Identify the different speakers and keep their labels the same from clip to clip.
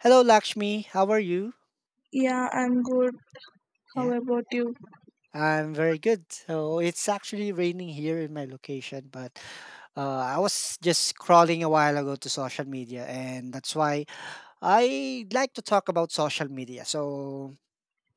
Speaker 1: Hello, Lakshmi. How are you?
Speaker 2: Yeah, I'm good. How
Speaker 1: Yeah,
Speaker 2: about you?
Speaker 1: I'm very good. So it's actually raining here in my location, but I was just scrolling a while ago to social media, and that's why I like to talk about social media. So,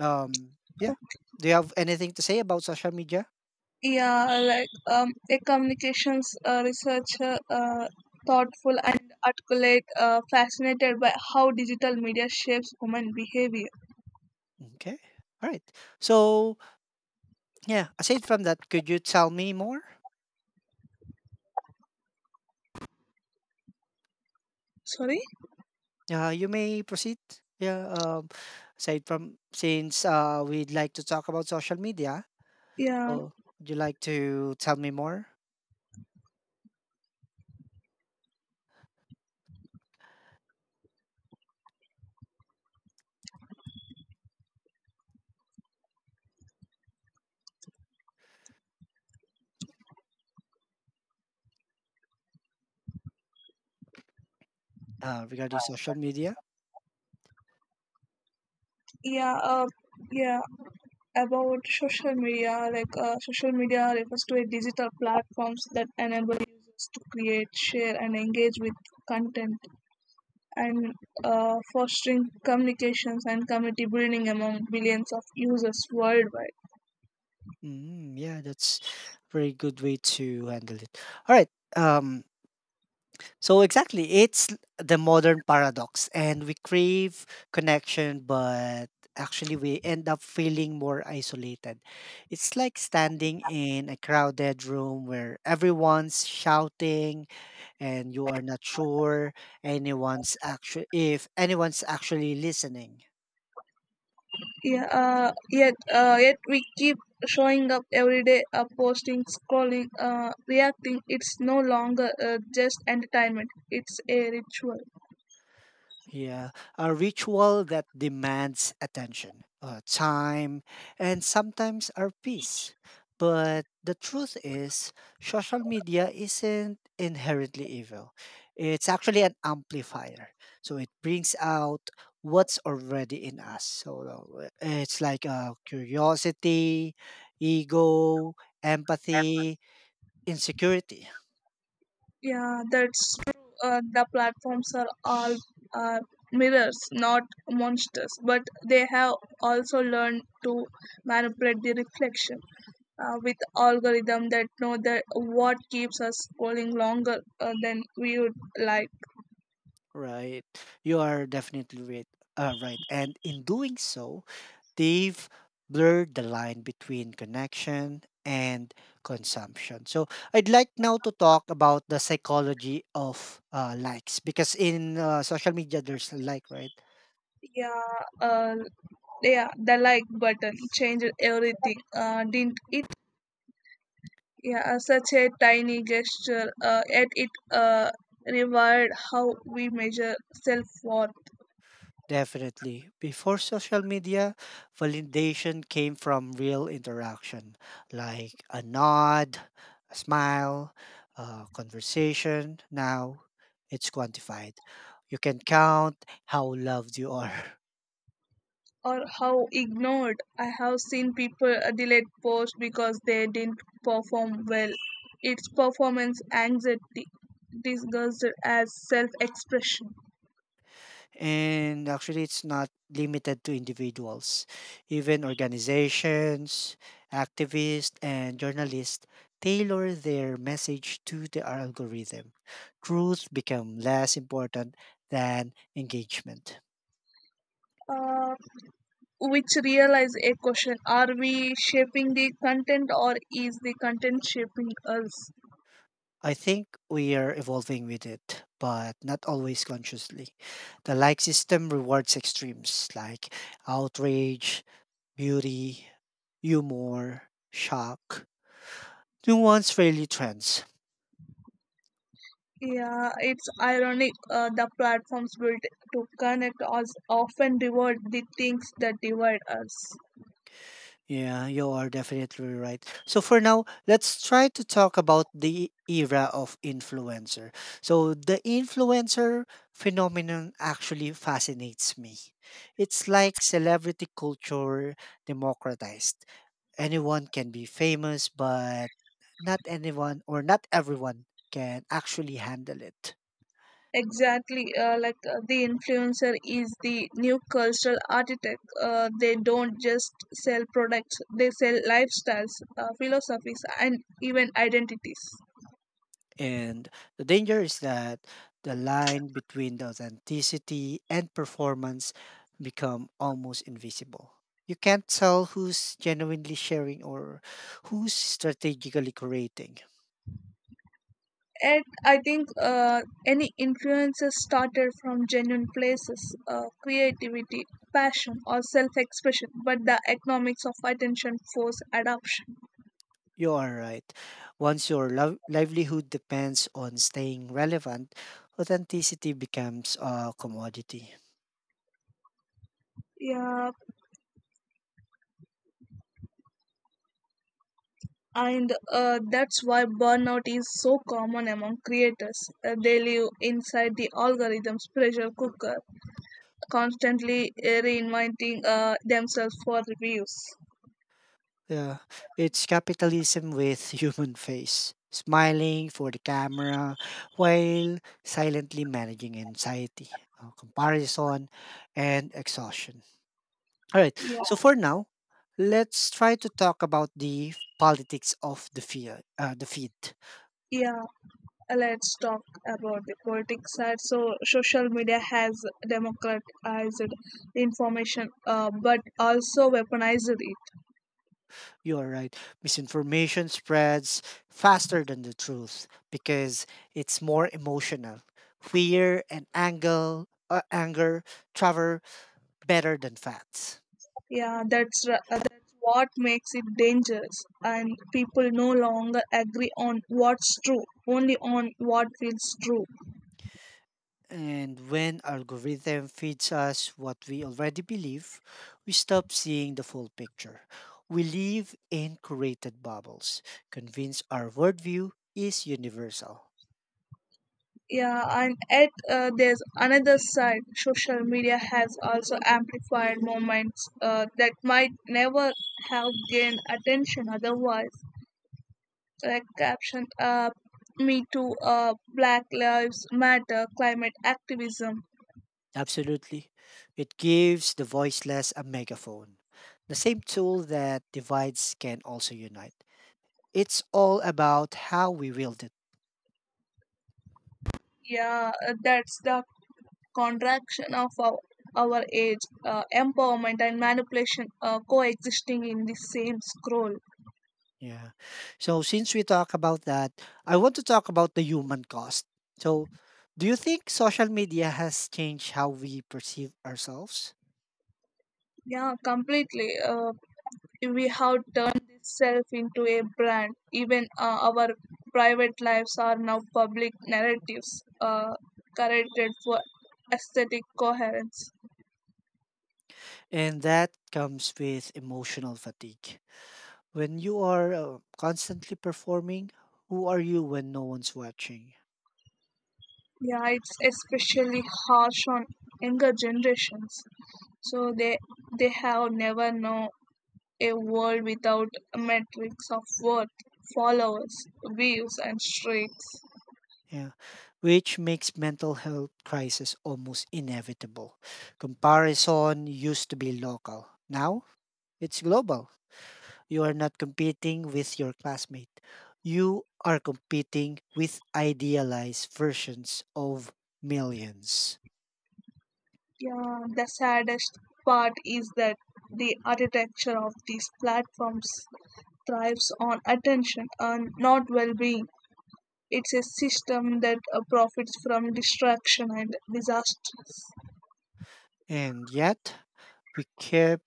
Speaker 1: um, yeah, do you have anything to say about social media?
Speaker 2: Yeah, like a communications researcher, thoughtful and articulate, fascinated by how digital media shapes human behavior.
Speaker 1: Okay, all right. So, yeah, aside from that, could you tell me more?
Speaker 2: Sorry?
Speaker 1: You may proceed. Yeah, aside from since we'd like to talk about social media,
Speaker 2: Yeah,
Speaker 1: so, would you like to tell me more regarding social media?
Speaker 2: yeah, uh, yeah. About social media, like social media refers to a digital platforms that enable users to create, share, and engage with content and fostering communications and community building among billions of users worldwide.
Speaker 1: Mm, yeah, that's a very good way to handle it. All right. Um, so exactly, the modern paradox, and we crave connection, but actually we end up feeling more isolated. It's like standing in a crowded room where everyone's shouting, and you are not sure anyone's actually if anyone's actually listening.
Speaker 2: Yet we keep showing up every day, posting, scrolling, reacting. It's no longer just entertainment; it's a ritual.
Speaker 1: Yeah, a ritual that demands attention, time, and sometimes our peace. But the truth is, social media isn't inherently evil. It's actually an amplifier. So it brings out what's already in us. So it's like curiosity, ego, empathy, insecurity.
Speaker 2: Yeah, that's true. The platforms are all uh, mirrors, not monsters, but they have also learned to manipulate the reflection. With algorithm that know that what keeps us scrolling longer than we would like.
Speaker 1: Right. You are definitely right. Right. And in doing so, they've blurred the line between connection and consumption. So I'd like now to talk about the psychology of likes because in social media, there's a like, right?
Speaker 2: Yeah uh, yeah the like button changed everything didn't it? Yeah such a tiny gesture yet it rewired how we measure self-worth.
Speaker 1: Definitely. Before social media, validation came from real interaction, like a nod, a smile, a conversation. Now it's quantified. You can count how loved you are.
Speaker 2: Or how ignored. I have seen people delete posts because they didn't perform well. It's performance anxiety disguised as self-expression.
Speaker 1: And actually, it's not limited to individuals. Even organizations, activists, and journalists tailor their message to the algorithm. Truth become less important than engagement.
Speaker 2: uh, which realize a question, are we shaping the content or is the content shaping us?
Speaker 1: I think we are evolving with it, but not always consciously. The like system rewards extremes like outrage, beauty, humor, shock, nuance really trends.
Speaker 2: Yeah, it's ironic. The platforms built to connect us often reward the things that divide us.
Speaker 1: Yeah, you are definitely right. So for now, let's try to talk about the era of influencer. So the influencer phenomenon actually fascinates me. It's like celebrity culture democratized anyone can be famous, but not anyone or not everyone can actually handle it.
Speaker 2: Exactly. The influencer is the new cultural architect. They don't just sell products, they sell lifestyles, philosophies, and even identities.
Speaker 1: And the danger is that the line between the authenticity and performance become almost invisible. You can't tell who's genuinely sharing or who's strategically creating.
Speaker 2: And I think any influences started from genuine places, creativity, passion, or self expression, but the economics of attention force adoption.
Speaker 1: You are right. Once your livelihood depends on staying relevant, authenticity becomes a commodity.
Speaker 2: Yeah, and that's why burnout is so common among creators. They live inside the algorithm's pressure cooker, constantly reinventing themselves for reviews.
Speaker 1: Yeah, it's capitalism with human face, smiling for the camera while silently managing anxiety, comparison, and exhaustion. All right,
Speaker 2: Yeah,
Speaker 1: so for now, let's try to talk about the politics of the fear, the feed.
Speaker 2: yeah. Let's talk about the politics side. So, social media has democratized information, but also weaponized it.
Speaker 1: You are right. Misinformation spreads faster than the truth because it's more emotional. Fear and anger, anger travel better than facts.
Speaker 2: That's what makes it dangerous, and people no longer agree on what's true, only on what feels true.
Speaker 1: And when algorithm feeds us what we already believe, we stop seeing the full picture. We live in curated bubbles, convinced our worldview is universal.
Speaker 2: Yeah, and at there's another side. Social media has also amplified moments that might never have gained attention otherwise. Like caption, Me Too, Black Lives Matter, climate activism.
Speaker 1: Absolutely. It gives the voiceless a megaphone. The same tool that divides can also unite. It's all about how we wield it.
Speaker 2: Yeah, that's the contraction of our age, empowerment and manipulation coexisting in the same scroll.
Speaker 1: Yeah. So since we talk about that, I want to talk about the human cost. So do you think social media has changed how we perceive ourselves?
Speaker 2: Yeah, completely. We have turned this self into a brand, even our private lives are now public narratives corrected for aesthetic coherence.
Speaker 1: And that comes with emotional fatigue. When you are constantly performing, who are you when no one's watching?
Speaker 2: Yeah, it's especially harsh on younger generations. So they have never known a world without a metrics of worth, followers, views, and streaks.
Speaker 1: Yeah. Which makes mental health crisis almost inevitable. Comparison used to be local. Now it's global. You are not competing with your classmate. You are competing with idealized versions of millions.
Speaker 2: Yeah, the saddest part is that the architecture of these platforms thrives on attention and not well-being. It's a system that profits from distraction and disasters.
Speaker 1: And yet, we keep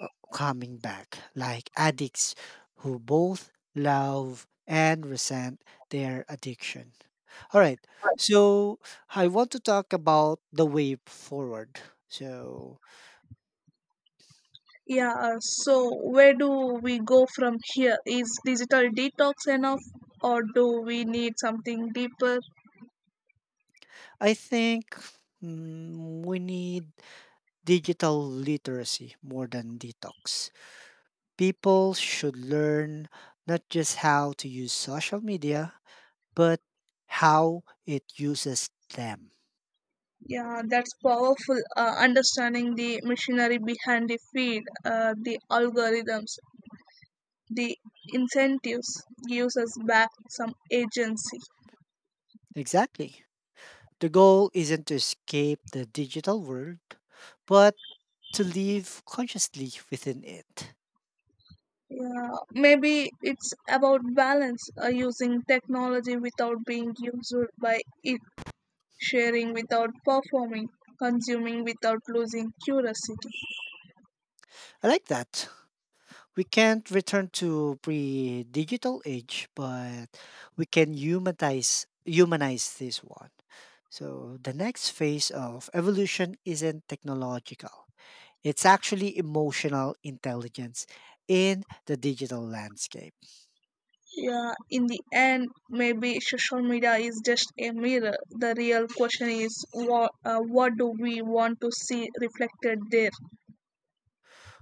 Speaker 1: coming back like addicts who both love and resent their addiction. All right. So, I want to talk about the way forward. So,
Speaker 2: Yeah, so where do we go from here? Is digital detox enough, or do we need something deeper?
Speaker 1: I think we need digital literacy more than detox. People should learn not just how to use social media, but how it uses them.
Speaker 2: Yeah, that's powerful. Understanding the machinery behind the feed, the algorithms, the incentives gives us back some agency.
Speaker 1: Exactly. The goal isn't to escape the digital world, but to live consciously within it.
Speaker 2: Yeah, maybe it's about balance, using technology without being used by it, sharing without performing, consuming without losing curiosity.
Speaker 1: I like that. We can't return to pre-digital age, but we can humanize this one. So the next phase of evolution isn't technological. It's actually emotional intelligence in the digital landscape.
Speaker 2: Yeah, in the end, maybe social media is just a mirror. The real question is, what what do we want to see reflected there?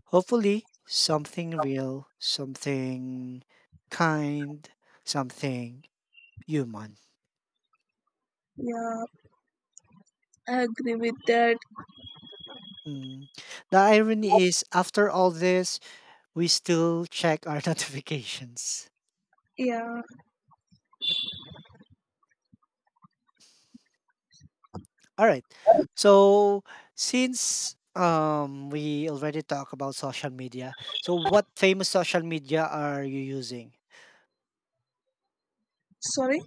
Speaker 1: Hopefully, something real, something kind, something human.
Speaker 2: Yeah, I agree with that.
Speaker 1: Mm. The irony is, after all this, we still check our notifications.
Speaker 2: Yeah,
Speaker 1: All right. So, since we already talked about social media, so what famous social media are you using?
Speaker 2: sorry?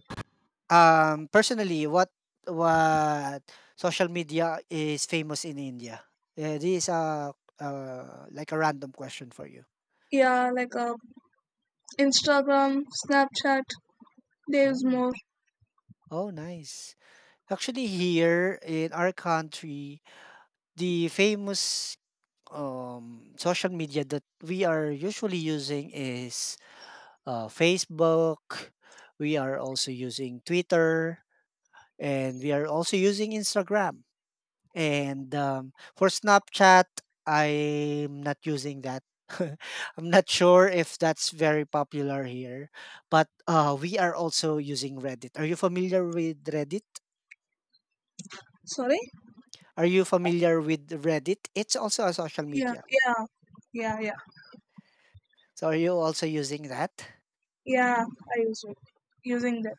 Speaker 1: Personally, what social media is famous in India? This is a like a random question for you.
Speaker 2: Yeah, like Instagram, Snapchat. There's
Speaker 1: Oh,
Speaker 2: more.
Speaker 1: oh, nice. Actually, here in our country, the famous social media that we are usually using is Facebook. We are also using Twitter, and we are also using Instagram. And for Snapchat, I'm not using that. I'm not sure if that's very popular here, but we are also using Reddit. Are you familiar with Reddit?
Speaker 2: Sorry.
Speaker 1: Are you familiar with Reddit? It's also a social
Speaker 2: Yeah,
Speaker 1: media.
Speaker 2: yeah, yeah, yeah,
Speaker 1: So are you also using that?
Speaker 2: yeah. I use it. Using that.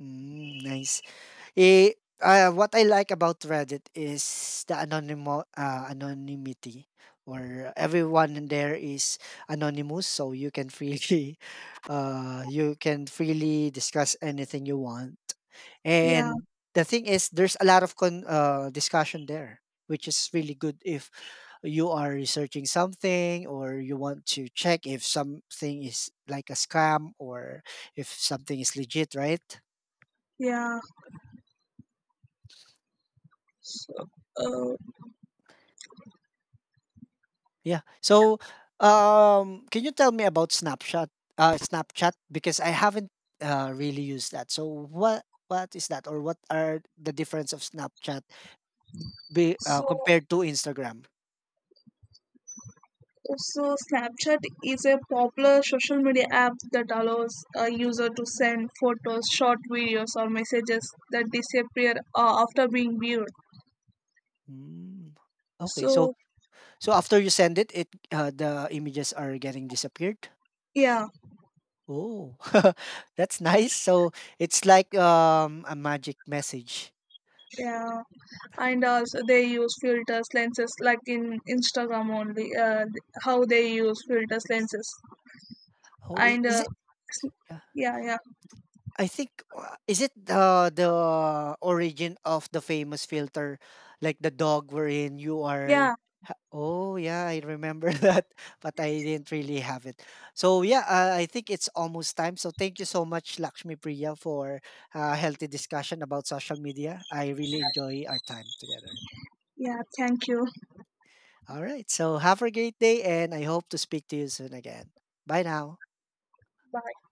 Speaker 1: Mm, nice. Eh, what I like about Reddit is the anonymity, or everyone in there is anonymous, so you can freely, you can freely discuss anything you want.
Speaker 2: Yeah,
Speaker 1: And the thing is, there's a lot of discussion there, which is really good if you are researching something or you want to check if something is like a scam or if something is legit, right?
Speaker 2: yeah. So, uh,
Speaker 1: Yeah. So, can you tell me about Snapchat? Snapchat because I haven't really used that. So what is that, or what are the difference of Snapchat
Speaker 2: so
Speaker 1: compared to Instagram?
Speaker 2: Also, Snapchat is a popular social media app that allows a user to send photos, short videos, or messages that disappear after being viewed.
Speaker 1: Mm. Okay.
Speaker 2: So,
Speaker 1: So after you send it, it the images are getting disappeared.
Speaker 2: yeah,
Speaker 1: Oh, that's nice. So it's like a magic message.
Speaker 2: yeah, and also they use filters, lenses, like in Instagram only. How they use filters, lenses,
Speaker 1: Oh,
Speaker 2: and
Speaker 1: is it?
Speaker 2: yeah, yeah,
Speaker 1: I think is it the origin of the famous filter, like the dog wherein you
Speaker 2: yeah,
Speaker 1: are. Oh yeah, I remember that, but I didn't really have it. So yeah, I think it's almost time. So thank you so much, Lakshmi Priya, for a healthy discussion about social media. I really enjoy our time together.
Speaker 2: yeah. Thank you.
Speaker 1: All right, so have a great day, and I hope to speak to you soon again. Bye now.
Speaker 2: Bye.